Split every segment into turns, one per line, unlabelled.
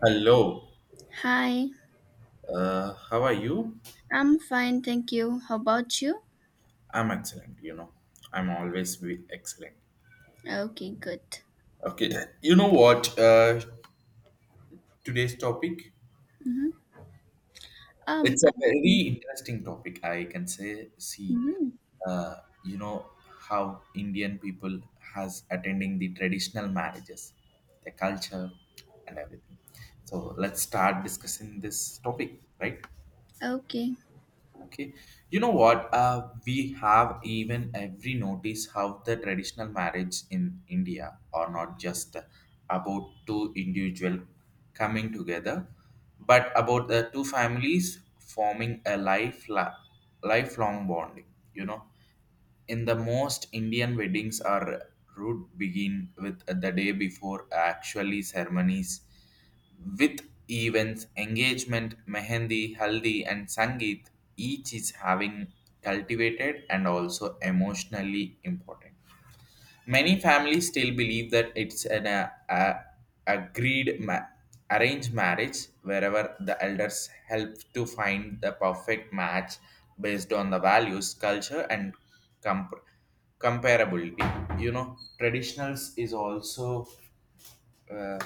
Hello,
Hi,
how are you?
I'm fine, thank you. How about you?
I'm excellent. I'm always be excellent.
Okay, good.
Okay, you know what? Today's topic,
Mm-hmm. Um,
it's
I,
a very interesting topic. I can say, see,
mhm.
uh, you know, how Indian people has attending the traditional marriages, the culture and everything. So let's start discussing this topic, right?
Okay.
Okay, you know what? We have even every notice how the traditional marriage in India are not just about two individual coming together, but about the two families forming a lifelong bonding. You know, in the most Indian weddings are root begin with the day before actually ceremonies with events, engagement, mehendi, haldi, and sangeet, each is having cultivated and also emotionally important. Many families still believe that it's an agreed ma- arranged marriage wherever the elders help to find the perfect match based on the values, culture, and comp- comparability. Traditionals is also. Uh,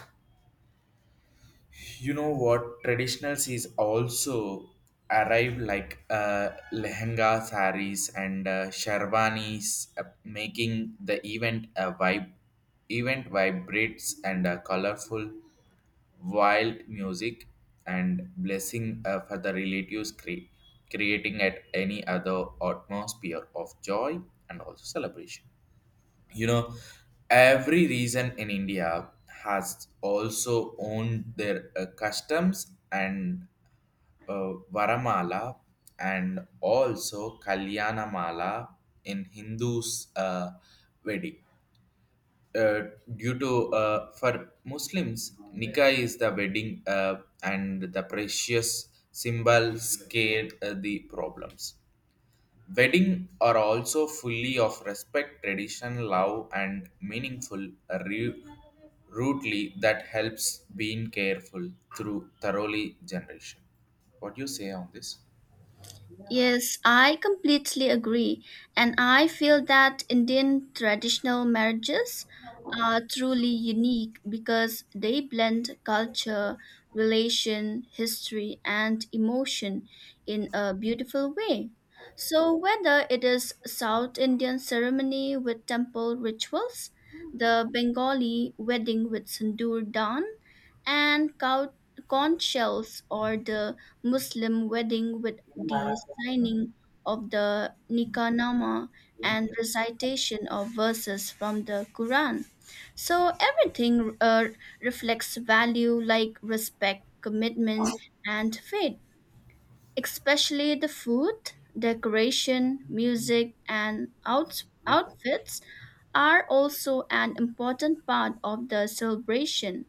you know what traditionals is also arrive like uh, lehenga saris and sherwanis uh, making the event a vibe event vibrates and colorful wild music and blessing for the relatives creating at any other atmosphere of joy and also celebration you know every region in India has also owned their customs and varamala and also kalyanamala in Hindus wedding uh, due to for Muslims, nikah is the wedding, and the precious symbol scared the problems. Wedding are also fully of respect, tradition, love, and meaningful re- rootly that helps being careful through thoroughly generation. What do you say on this?
Yes, I completely agree. And I feel that Indian traditional marriages are truly unique because they blend culture, relation, history, and emotion in a beautiful way. So, whether it is South Indian ceremony with temple rituals, the Bengali wedding with sindoor dance, and conch shells or the Muslim wedding with the signing of the Nikanama and recitation of verses from the Quran. So everything reflects value like respect, commitment, and faith, especially the food, decoration, music, and outfits are also an important part of the celebration,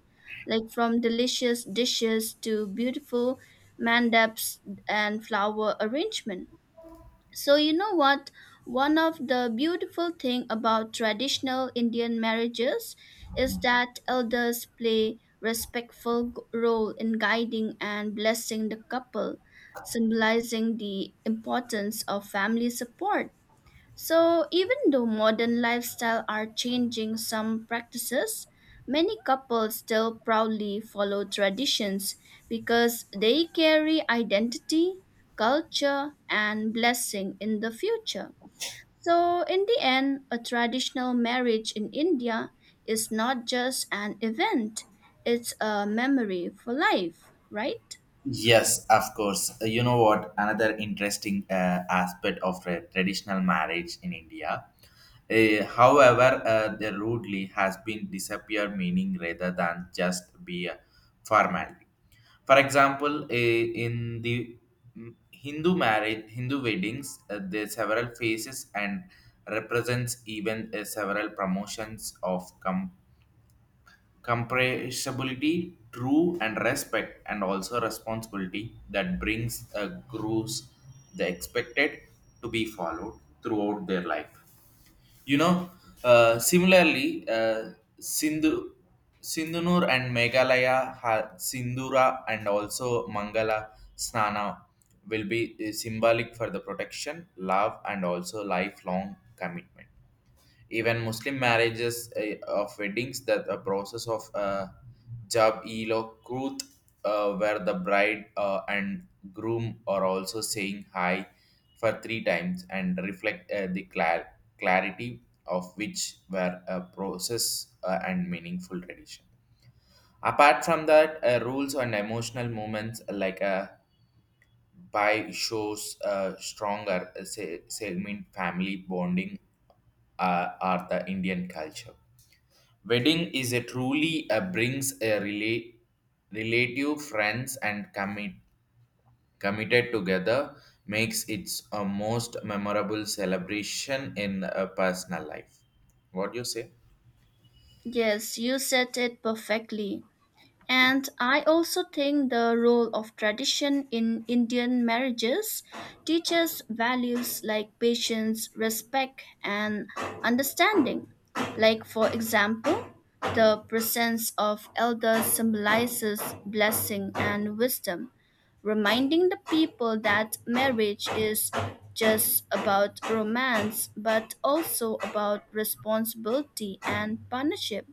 like from delicious dishes to beautiful mandaps and flower arrangement. So you know what? One of the beautiful thing about traditional Indian marriages is that elders play respectful role in guiding and blessing the couple, symbolizing the importance of family support. So, even though modern lifestyle are changing some practices, many couples still proudly follow traditions because they carry identity, culture, and blessing in the future. So, in the end, a traditional marriage in India is not just an event, it's a memory for life, right?
Yes, of course. You know what? Another interesting aspect of traditional marriage in India. However, the rudely has been disappear meaning rather than just be a formality. For example, in the Hindu weddings, there are several phases and represents even several promotions of compressibility, true and respect, and also responsibility that brings a grows the expected to be followed throughout their life. You know, similarly, Sindhu, Sindhunur and Meghalaya, Sindhura and also Mangala Snana will be symbolic for the protection, love, and also lifelong commitment. Even Muslim marriages, of weddings that the process of jab ilokrut, where the bride and groom are also saying hi for three times and reflect the clarity of which were a process and meaningful tradition. Apart from that, rules and emotional moments like, by shows stronger segment family bonding, are the Indian culture. Wedding is a truly a brings a relative friends and committed together makes its a most memorable celebration in a personal life. What do you say?
Yes, you said it perfectly. And I also think the role of tradition in Indian marriages teaches values like patience, respect, and understanding. Like, for example, the presence of elders symbolizes blessing and wisdom, reminding the people that marriage is just about romance but also about responsibility and partnership.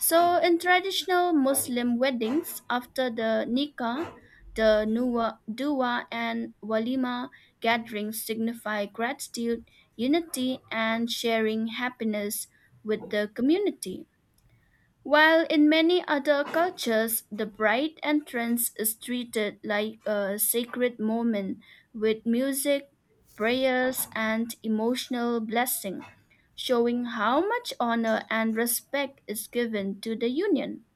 So, in traditional Muslim weddings, after the nikah, the nuwa, dua and walima gatherings signify gratitude, unity, and sharing happiness with the community. While in many other cultures, the bride entrance is treated like a sacred moment with music, prayers, and emotional blessing, showing how much honor and respect is given to the union.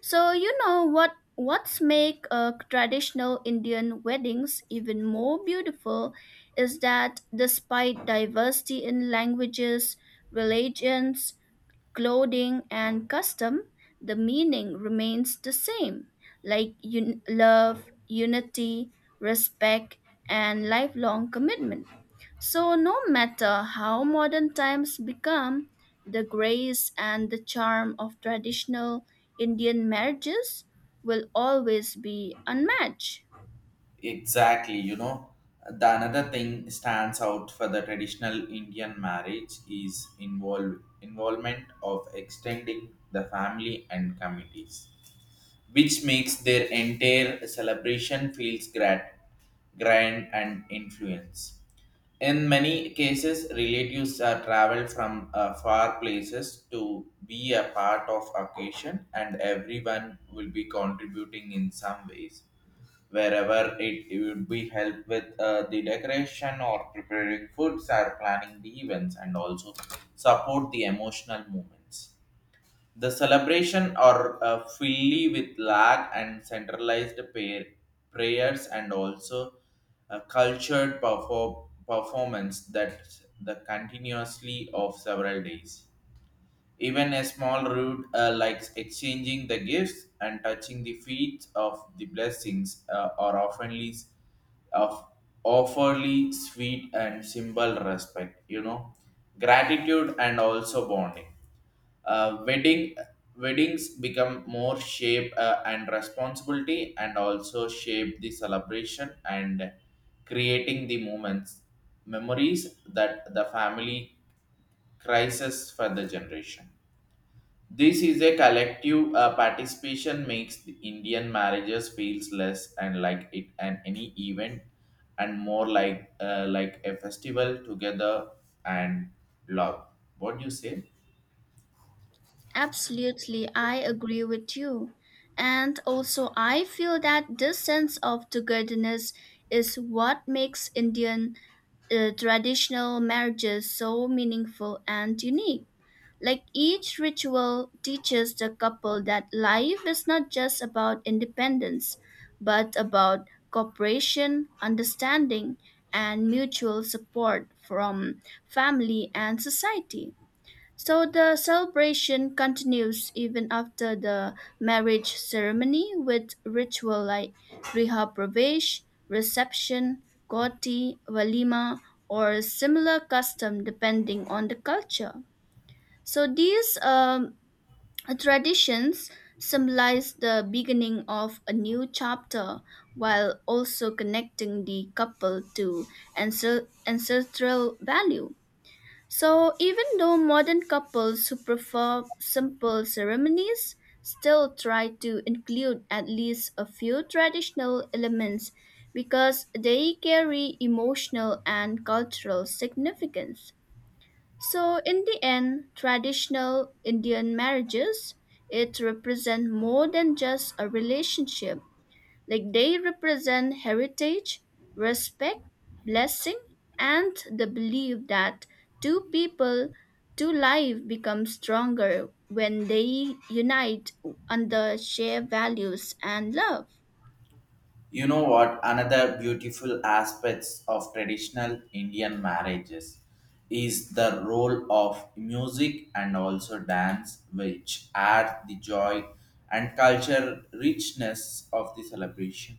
So you know what's make traditional Indian weddings even more beautiful is that despite diversity in languages, religions, clothing and custom, the meaning remains the same, like love, unity, respect, and lifelong commitment. So, no matter how modern times become, the grace and the charm of traditional Indian marriages will always be unmatched.
Exactly. The another thing stands out for the traditional Indian marriage is involvement of extending the family and committees which makes their entire celebration feels grand and influence. In many cases, relatives are travel from far places to be a part of occasion, and everyone will be contributing in some ways. Wherever it would be help with the decoration or preparing foods or planning the events, and also support the emotional moments. The celebration are fully with lag and centralized prayers and also a cultured performance that the continuously of several days. Even a small route, like exchanging the gifts and touching the feet of the blessings are oftenly of awfully sweet and symbol respect, gratitude and also bonding. uh, wedding weddings become more shape and responsibility and also shape the celebration and creating the moments memories that the family crisis for the generation. This is a collective participation makes the Indian marriages feels less and like it and any event, and more like a festival together and love. What do you say?
Absolutely, I agree with you. And also, I feel that this sense of togetherness is what makes Indian traditional marriages so meaningful and unique. Like each ritual teaches the couple that life is not just about independence, but about cooperation, understanding, and mutual support from family and society. So the celebration continues even after the marriage ceremony with ritual like Riha Pravesh, reception, Goti, Valima, or similar custom depending on the culture. So these traditions symbolize the beginning of a new chapter while also connecting the couple to ancestral value. So, even though modern couples who prefer simple ceremonies still try to include at least a few traditional elements because they carry emotional and cultural significance. So, in the end, traditional Indian marriages it represent more than just a relationship. Like they represent heritage, respect, blessing, and the belief that two people, two lives become stronger when they unite under shared values and love.
You know what? Another beautiful aspects of traditional Indian marriages is the role of music and also dance, which add the joy and culture richness of the celebration.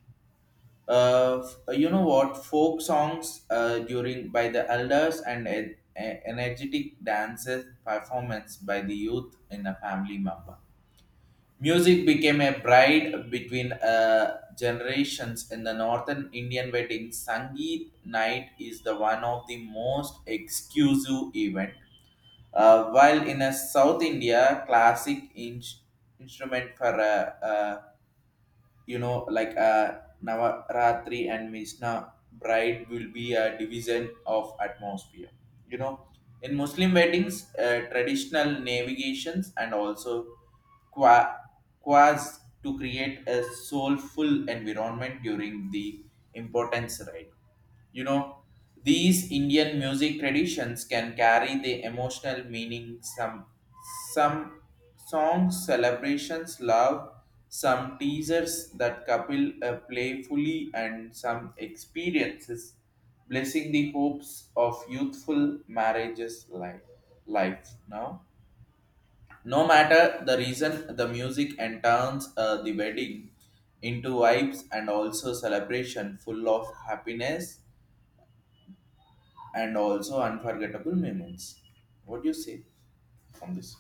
You know what? Folk songs, during by the elders and energetic dances performance by the youth in a family member. Music became a bride between generations in the northern Indian wedding. Sangeet night is the one of the most exclusive event. While in a South India, classic instrument for like navaratri and misna bride will be a division of atmosphere you know in Muslim weddings, traditional navigations and also qua- quas to create a soulful environment during the importance rite you know, these Indian music traditions can carry the emotional meaning. Some songs celebrations love, some teasers that couple playfully and some experiences blessing the hopes of youthful marriages life now. No matter the reason, the music and the wedding into vibes and also celebration full of happiness and also unforgettable moments. What do you say on this?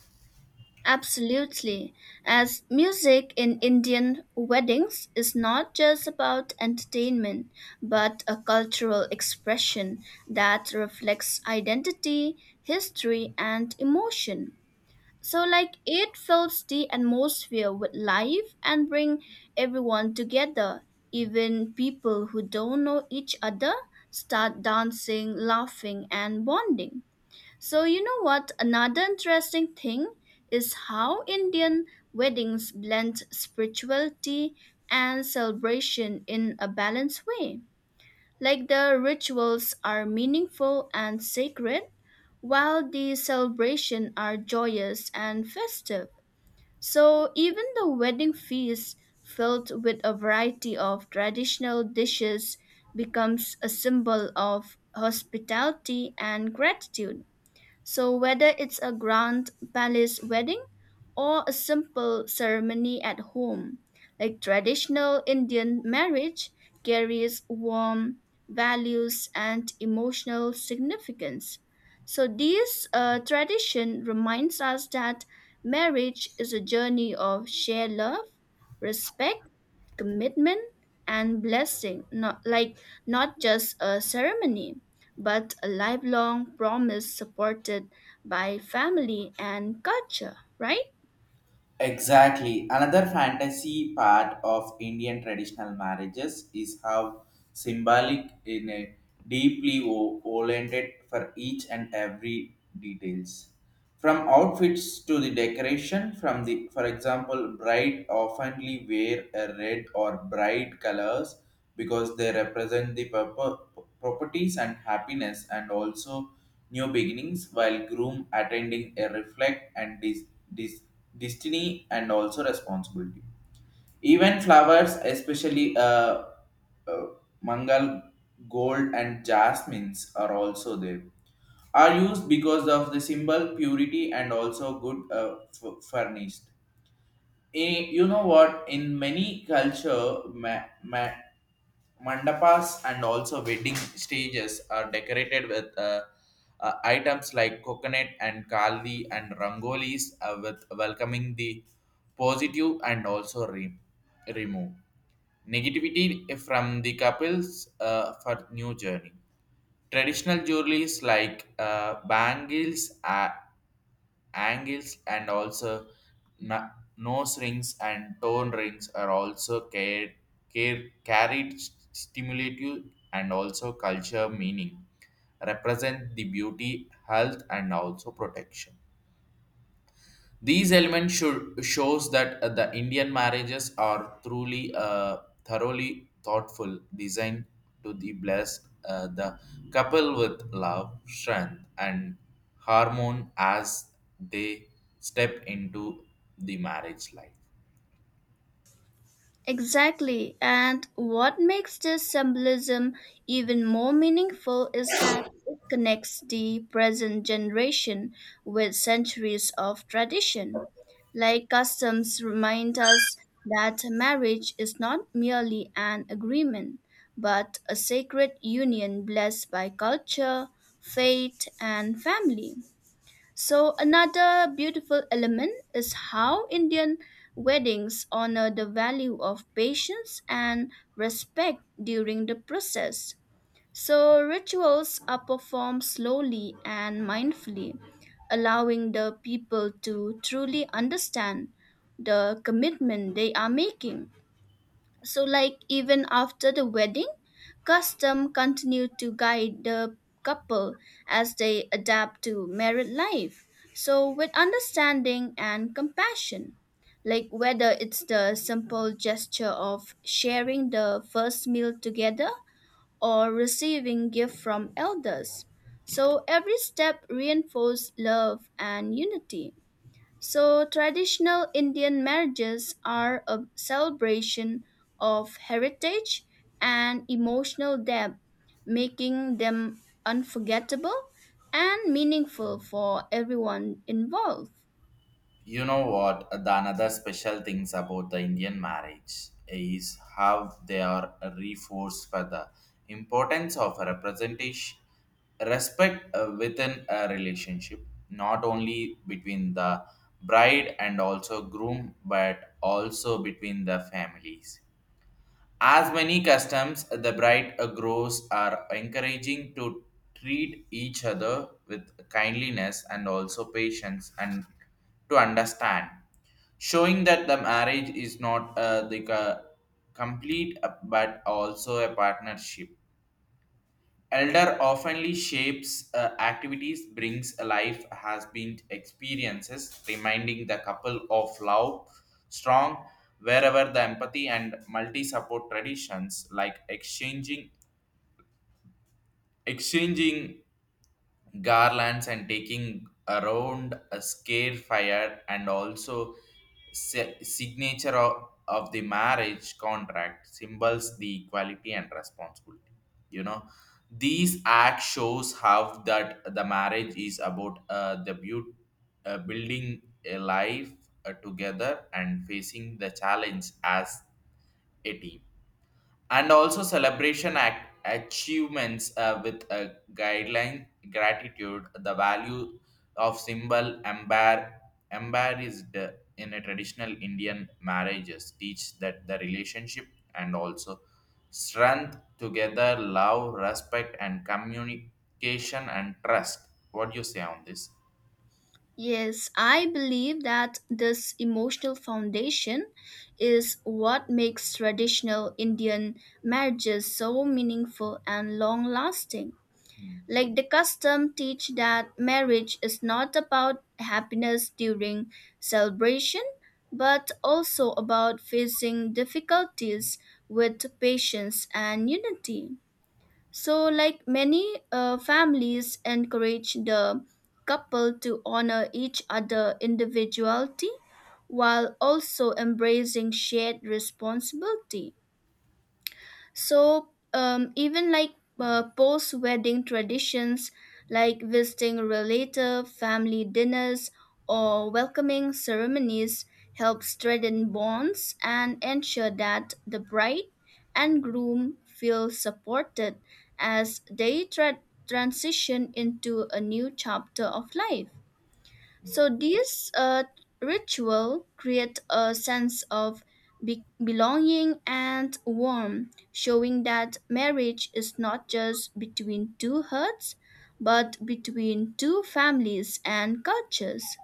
Absolutely, as music in Indian weddings is not just about entertainment, but a cultural expression that reflects identity, history, and emotion. So, like, it fills the atmosphere with life and bring everyone together. Even people who don't know each other start dancing, laughing, and bonding. So, you know what? Another interesting thing is how Indian weddings blend spirituality and celebration in a balanced way. Like the rituals are meaningful and sacred, while the celebration are joyous and festive. So even the wedding feast, filled with a variety of traditional dishes, becomes a symbol of hospitality and gratitude. So, whether it's a grand palace wedding or a simple ceremony at home, like traditional Indian marriage carries warm values and emotional significance. So, this tradition reminds us that marriage is a journey of shared love, respect, commitment, and blessing, not just a ceremony but a lifelong promise supported by family and culture, right?
Exactly. Another fantasy part of Indian traditional marriages is how symbolic in a deeply oriented for each and every details. From outfits to the decoration, from the, for example, bride oftenly wear a red or bright colors because they represent the properties and happiness and also new beginnings, while groom attending a reflect and dis- destiny and also responsibility. Even flowers, especially uh, mangal, gold, and jasmines, are also there are used because of the symbol purity and also good furnished. You know what? In many culture, mandapas and also wedding stages are decorated with items like coconut and kali and rangolis, with welcoming the positive and also remove negativity from the couples for new journey. Traditional jewelries like bangles, angles, and also na- nose rings and tone rings are also carried stimulative and also culture meaning, represent the beauty, health, and also protection. These elements should shows that the Indian marriages are truly thoroughly thoughtful, designed to the bless the couple with love, strength, and harmony as they step into the marriage life.
Exactly. And what makes this symbolism even more meaningful is that it connects the present generation with centuries of tradition. Like customs remind us that marriage is not merely an agreement, but a sacred union blessed by culture, faith, and family. So another beautiful element is how Indian weddings honor the value of patience and respect during the process. So rituals are performed slowly and mindfully, allowing the people to truly understand the commitment they are making. So, like, even after the wedding, custom continued to guide the couple as they adapt to married life. So, with understanding and compassion, like whether it's the simple gesture of sharing the first meal together or receiving gift from elders. So, every step reinforced love and unity. So, traditional Indian marriages are a celebration of heritage and emotional depth, making them unforgettable and meaningful for everyone involved.
You know what? The another special things about the Indian marriage is how they are reinforced for the importance of representation respect within a relationship, not only between the bride and also groom but also between the families. As many customs, the bright grows are encouraging to treat each other with kindliness and also patience and to understand, showing that the marriage is not the complete but also a partnership. Elder oftenly shapes activities, brings alive has been experiences, reminding the couple of love strong wherever the empathy and multi support traditions like exchanging garlands and taking around a scare fire and also signature of the marriage contract symbols the equality and responsibility you know these act shows how that the marriage is about the building a life together and facing the challenge as a team and also celebration act achievements, with a guideline gratitude the value of symbol embarrassed in a traditional Indian marriages teach that the relationship and also strength together love respect and communication and trust. What do you say on this?
Yes, I believe that this emotional foundation is what makes traditional Indian marriages so meaningful and long lasting.
Hmm.
Like the custom teach that marriage is not about happiness during celebration, but also about facing difficulties with patience and unity. So, like many families encourage the couple to honor each other individuality while also embracing shared responsibility. So even like post wedding traditions like visiting relative, family dinners, or welcoming ceremonies help strengthen bonds and ensure that the bride and groom feel supported as they transition into a new chapter of life. So these ritual create a sense of belonging and warmth, showing that marriage is not just between two hearts, but between two families and cultures.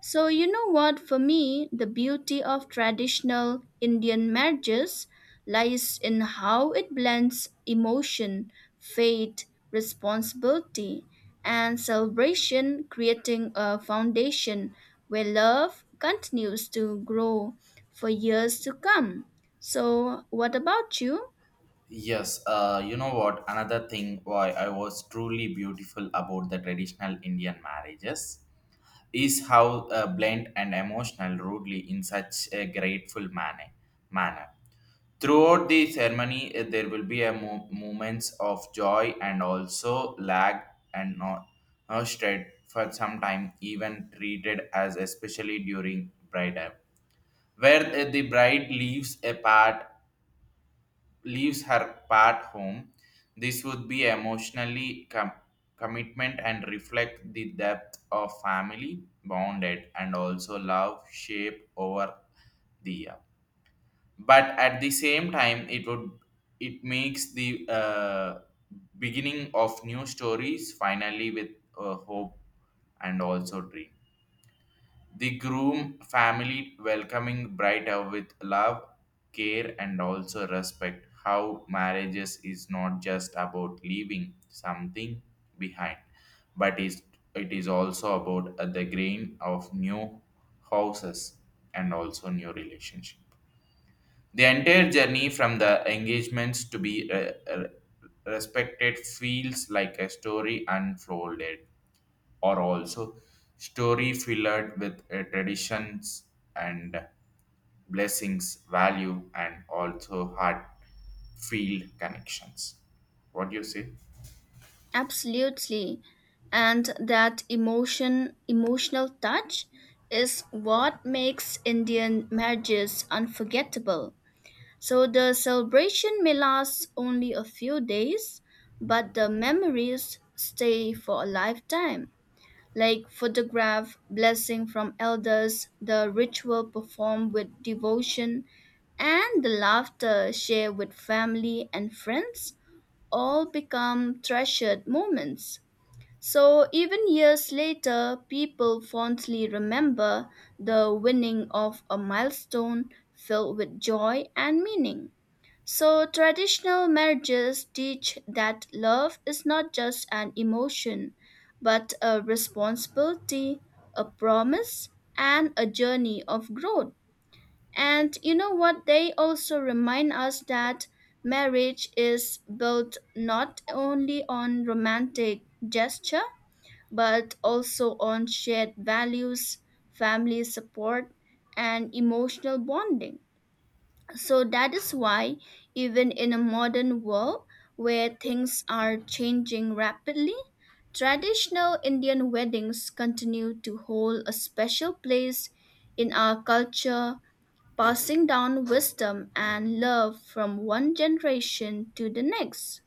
So, you know what, for me, the beauty of traditional Indian marriages lies in how it blends emotion, faith, responsibility, and celebration, creating a foundation where love continues to grow for years to come. So, what about you?
Yes, you know what? Another thing why I was truly beautiful about the traditional Indian marriages is how blunt and emotional rudely in such a grateful manner. Throughout the ceremony, there will be a moments of joy and also lag and not straight for some time, even treated as especially during bridal, where the bride leaves her part home. This would be emotionally commitment and reflect the depth of family bonded and also love shape over the year. But at the same time, it makes the beginning of new stories finally with hope and also dream. The groom family welcoming bride with love, care, and also respect. How marriages is not just about leaving something behind, but is it is also about the grain of new houses and also new relationship. The entire journey from the engagements to be respected feels like a story unfolded are also story filled with traditions and blessings, value, and also heart field connections. What do you say?
Absolutely. And that emotional touch is what makes Indian marriages unforgettable. So the celebration may last only a few days, but the memories stay for a lifetime. Like photograph, blessing from elders, the ritual performed with devotion, and the laughter shared with family and friends all become treasured moments. So even years later, people fondly remember the winning of a milestone filled with joy and meaning. So traditional marriages teach that love is not just an emotion, but a responsibility, a promise, and a journey of growth. And you know what? They also remind us that marriage is built not only on romantic gesture but also on shared values, family support, and emotional bonding. So that is why, even in a modern world where things are changing rapidly, traditional Indian weddings continue to hold a special place in our culture, passing down wisdom and love from one generation to the next.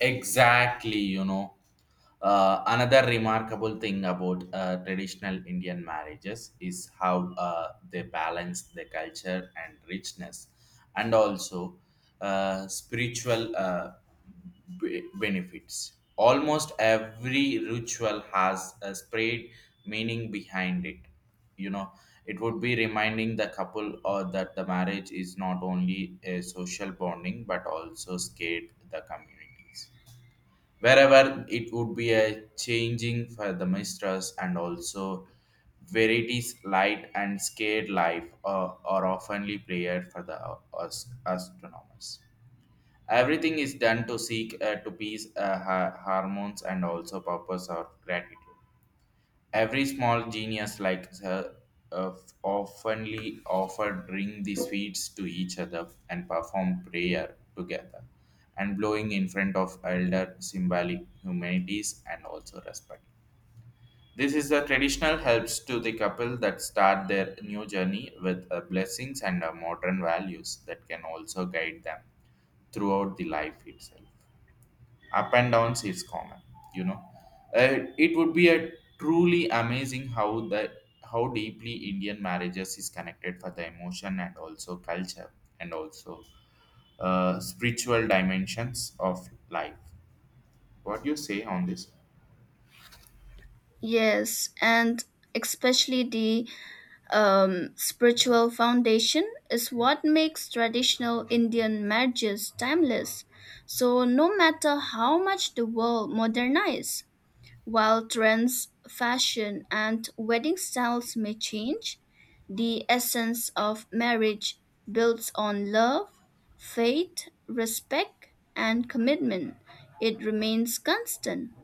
Exactly. Another remarkable thing about traditional Indian marriages is how they balance the culture and richness and also spiritual benefits. Almost every ritual has a spread meaning behind it. You know, it would be reminding the couple or that the marriage is not only a social bonding but also scared the community wherever it would be a changing for the mistress and also verities light and scared life are oftenly prayed for the as- astronomers. Everything is done to seek to peace, hormones and also purpose or gratitude. Every small genius like her uh, oftenly offered bring the sweets to each other and perform prayer together and blowing in front of elder symbolic humanities and also respect. This is the traditional helps to the couple that start their new journey with blessings and modern values that can also guide them throughout the life itself. Up and downs is common you know Uh, it would be a truly amazing how the how deeply Indian marriages is connected for the emotion and also culture and also spiritual dimensions of life. What do you say on this?
Yes, and especially the spiritual foundation is what makes traditional Indian marriages timeless. So, no matter how much the world modernizes, while trends, fashion, and wedding styles may change, the essence of marriage builds on love, faith, respect, and commitment. It remains constant.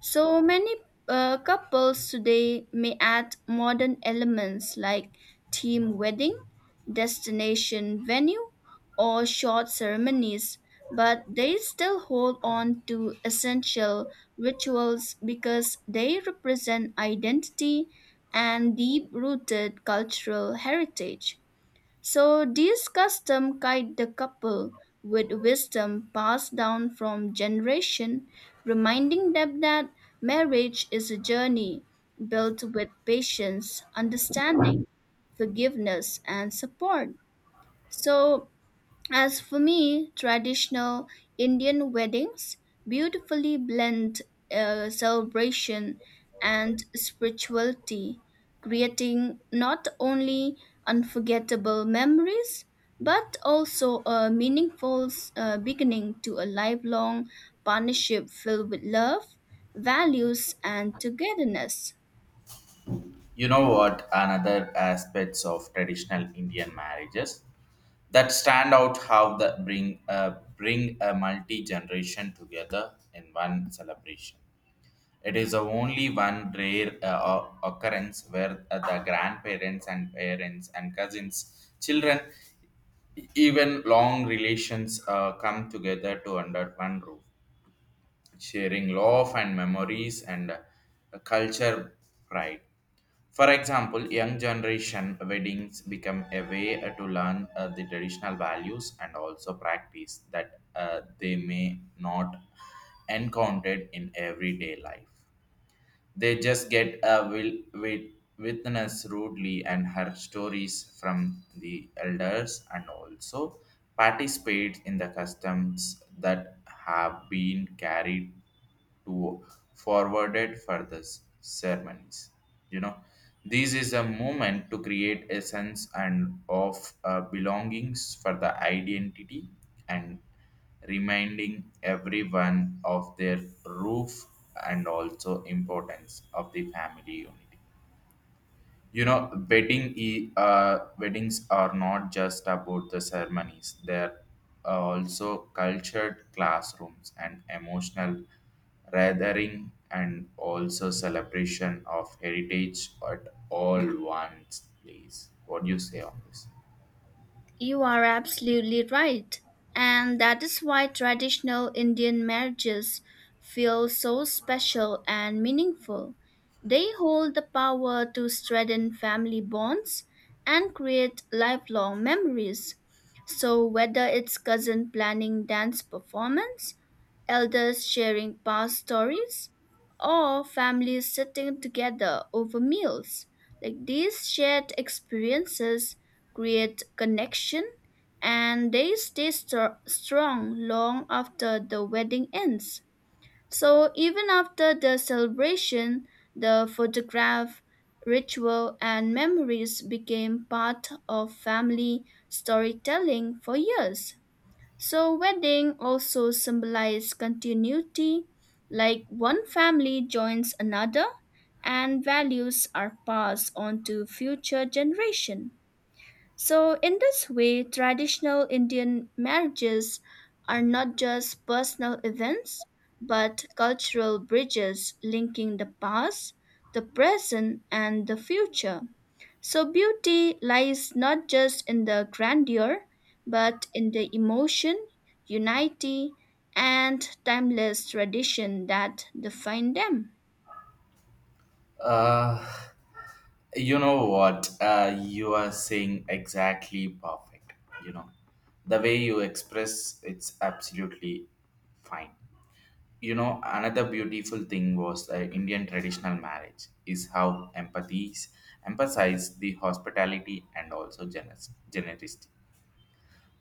So many couples today may add modern elements like team wedding, destination venue, or short ceremonies, but they still hold on to essential rituals because they represent identity and deep rooted cultural heritage. So these customs guide the couple with wisdom passed down from generation, reminding them that marriage is a journey built with patience, understanding, forgiveness, and support. So as for me, traditional Indian weddings beautifully blend celebration and spirituality, creating not only unforgettable memories but also a meaningful beginning to a lifelong partnership filled with love, values, and togetherness.
You know what? Another aspects of traditional Indian marriages that stand out how the uh, bring a multi generation together in one celebration. It is the only one rare occurrence where the grandparents and parents and cousins, children, even long relations come together to under one roof, sharing love and memories and culture pride. For example, young generation weddings become a way to learn the traditional values and also practice that they may not encountered in everyday life. They just get a will, wit witness rudely and her stories from the elders and also participate in the customs that have been carried to forwarded for the ceremonies. You know, this is a moment to create a sense and of belongings for the identity and reminding everyone of their roof and also importance of the family unity you know weddings are not just about the ceremonies. They're also cultured classrooms and emotional gathering and also celebration of heritage at all one's place. What do you say on this?
You are absolutely right. And that is why traditional Indian marriages feel so special and meaningful. They hold the power to strengthen family bonds and create lifelong memories. So, whether it's cousin planning dance performance, elders sharing past stories, or families sitting together over meals. Like these shared experiences create connection, and they stay strong long after the wedding ends. So even after the celebration, the photograph, ritual, and memories became part of family storytelling for years. So wedding also symbolize continuity, like one family joins another and values are passed on to future generation. So, in this way, traditional Indian marriages are not just personal events, but cultural bridges linking the past, the present, and the future. So, beauty lies not just in the grandeur, but in the emotion, unity, and timeless tradition that define them.
Uh, You know what? You are saying exactly perfect. You know, the way you express it's absolutely fine. Another beautiful thing was the Indian traditional marriage is how empathies emphasise the hospitality and also generous generosity.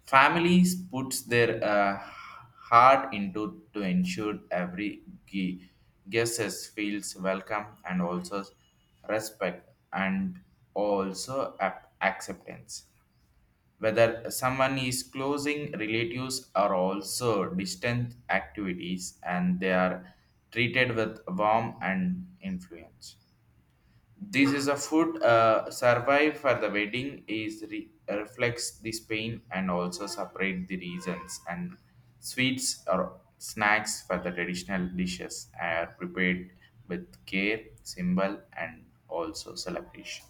Families puts their heart into to ensure every guest feels welcome and also respect and also acceptance. Whether someone is closing relatives or also distant activities and they are treated with warmth and influence. This is a food survive for the wedding is reflects this pain and also separate the reasons and sweets or snacks for the traditional dishes are prepared with care, symbol and also celebration.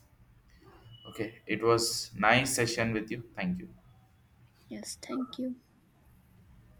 Okay, it was nice session with you. Thank you.
Yes, thank you.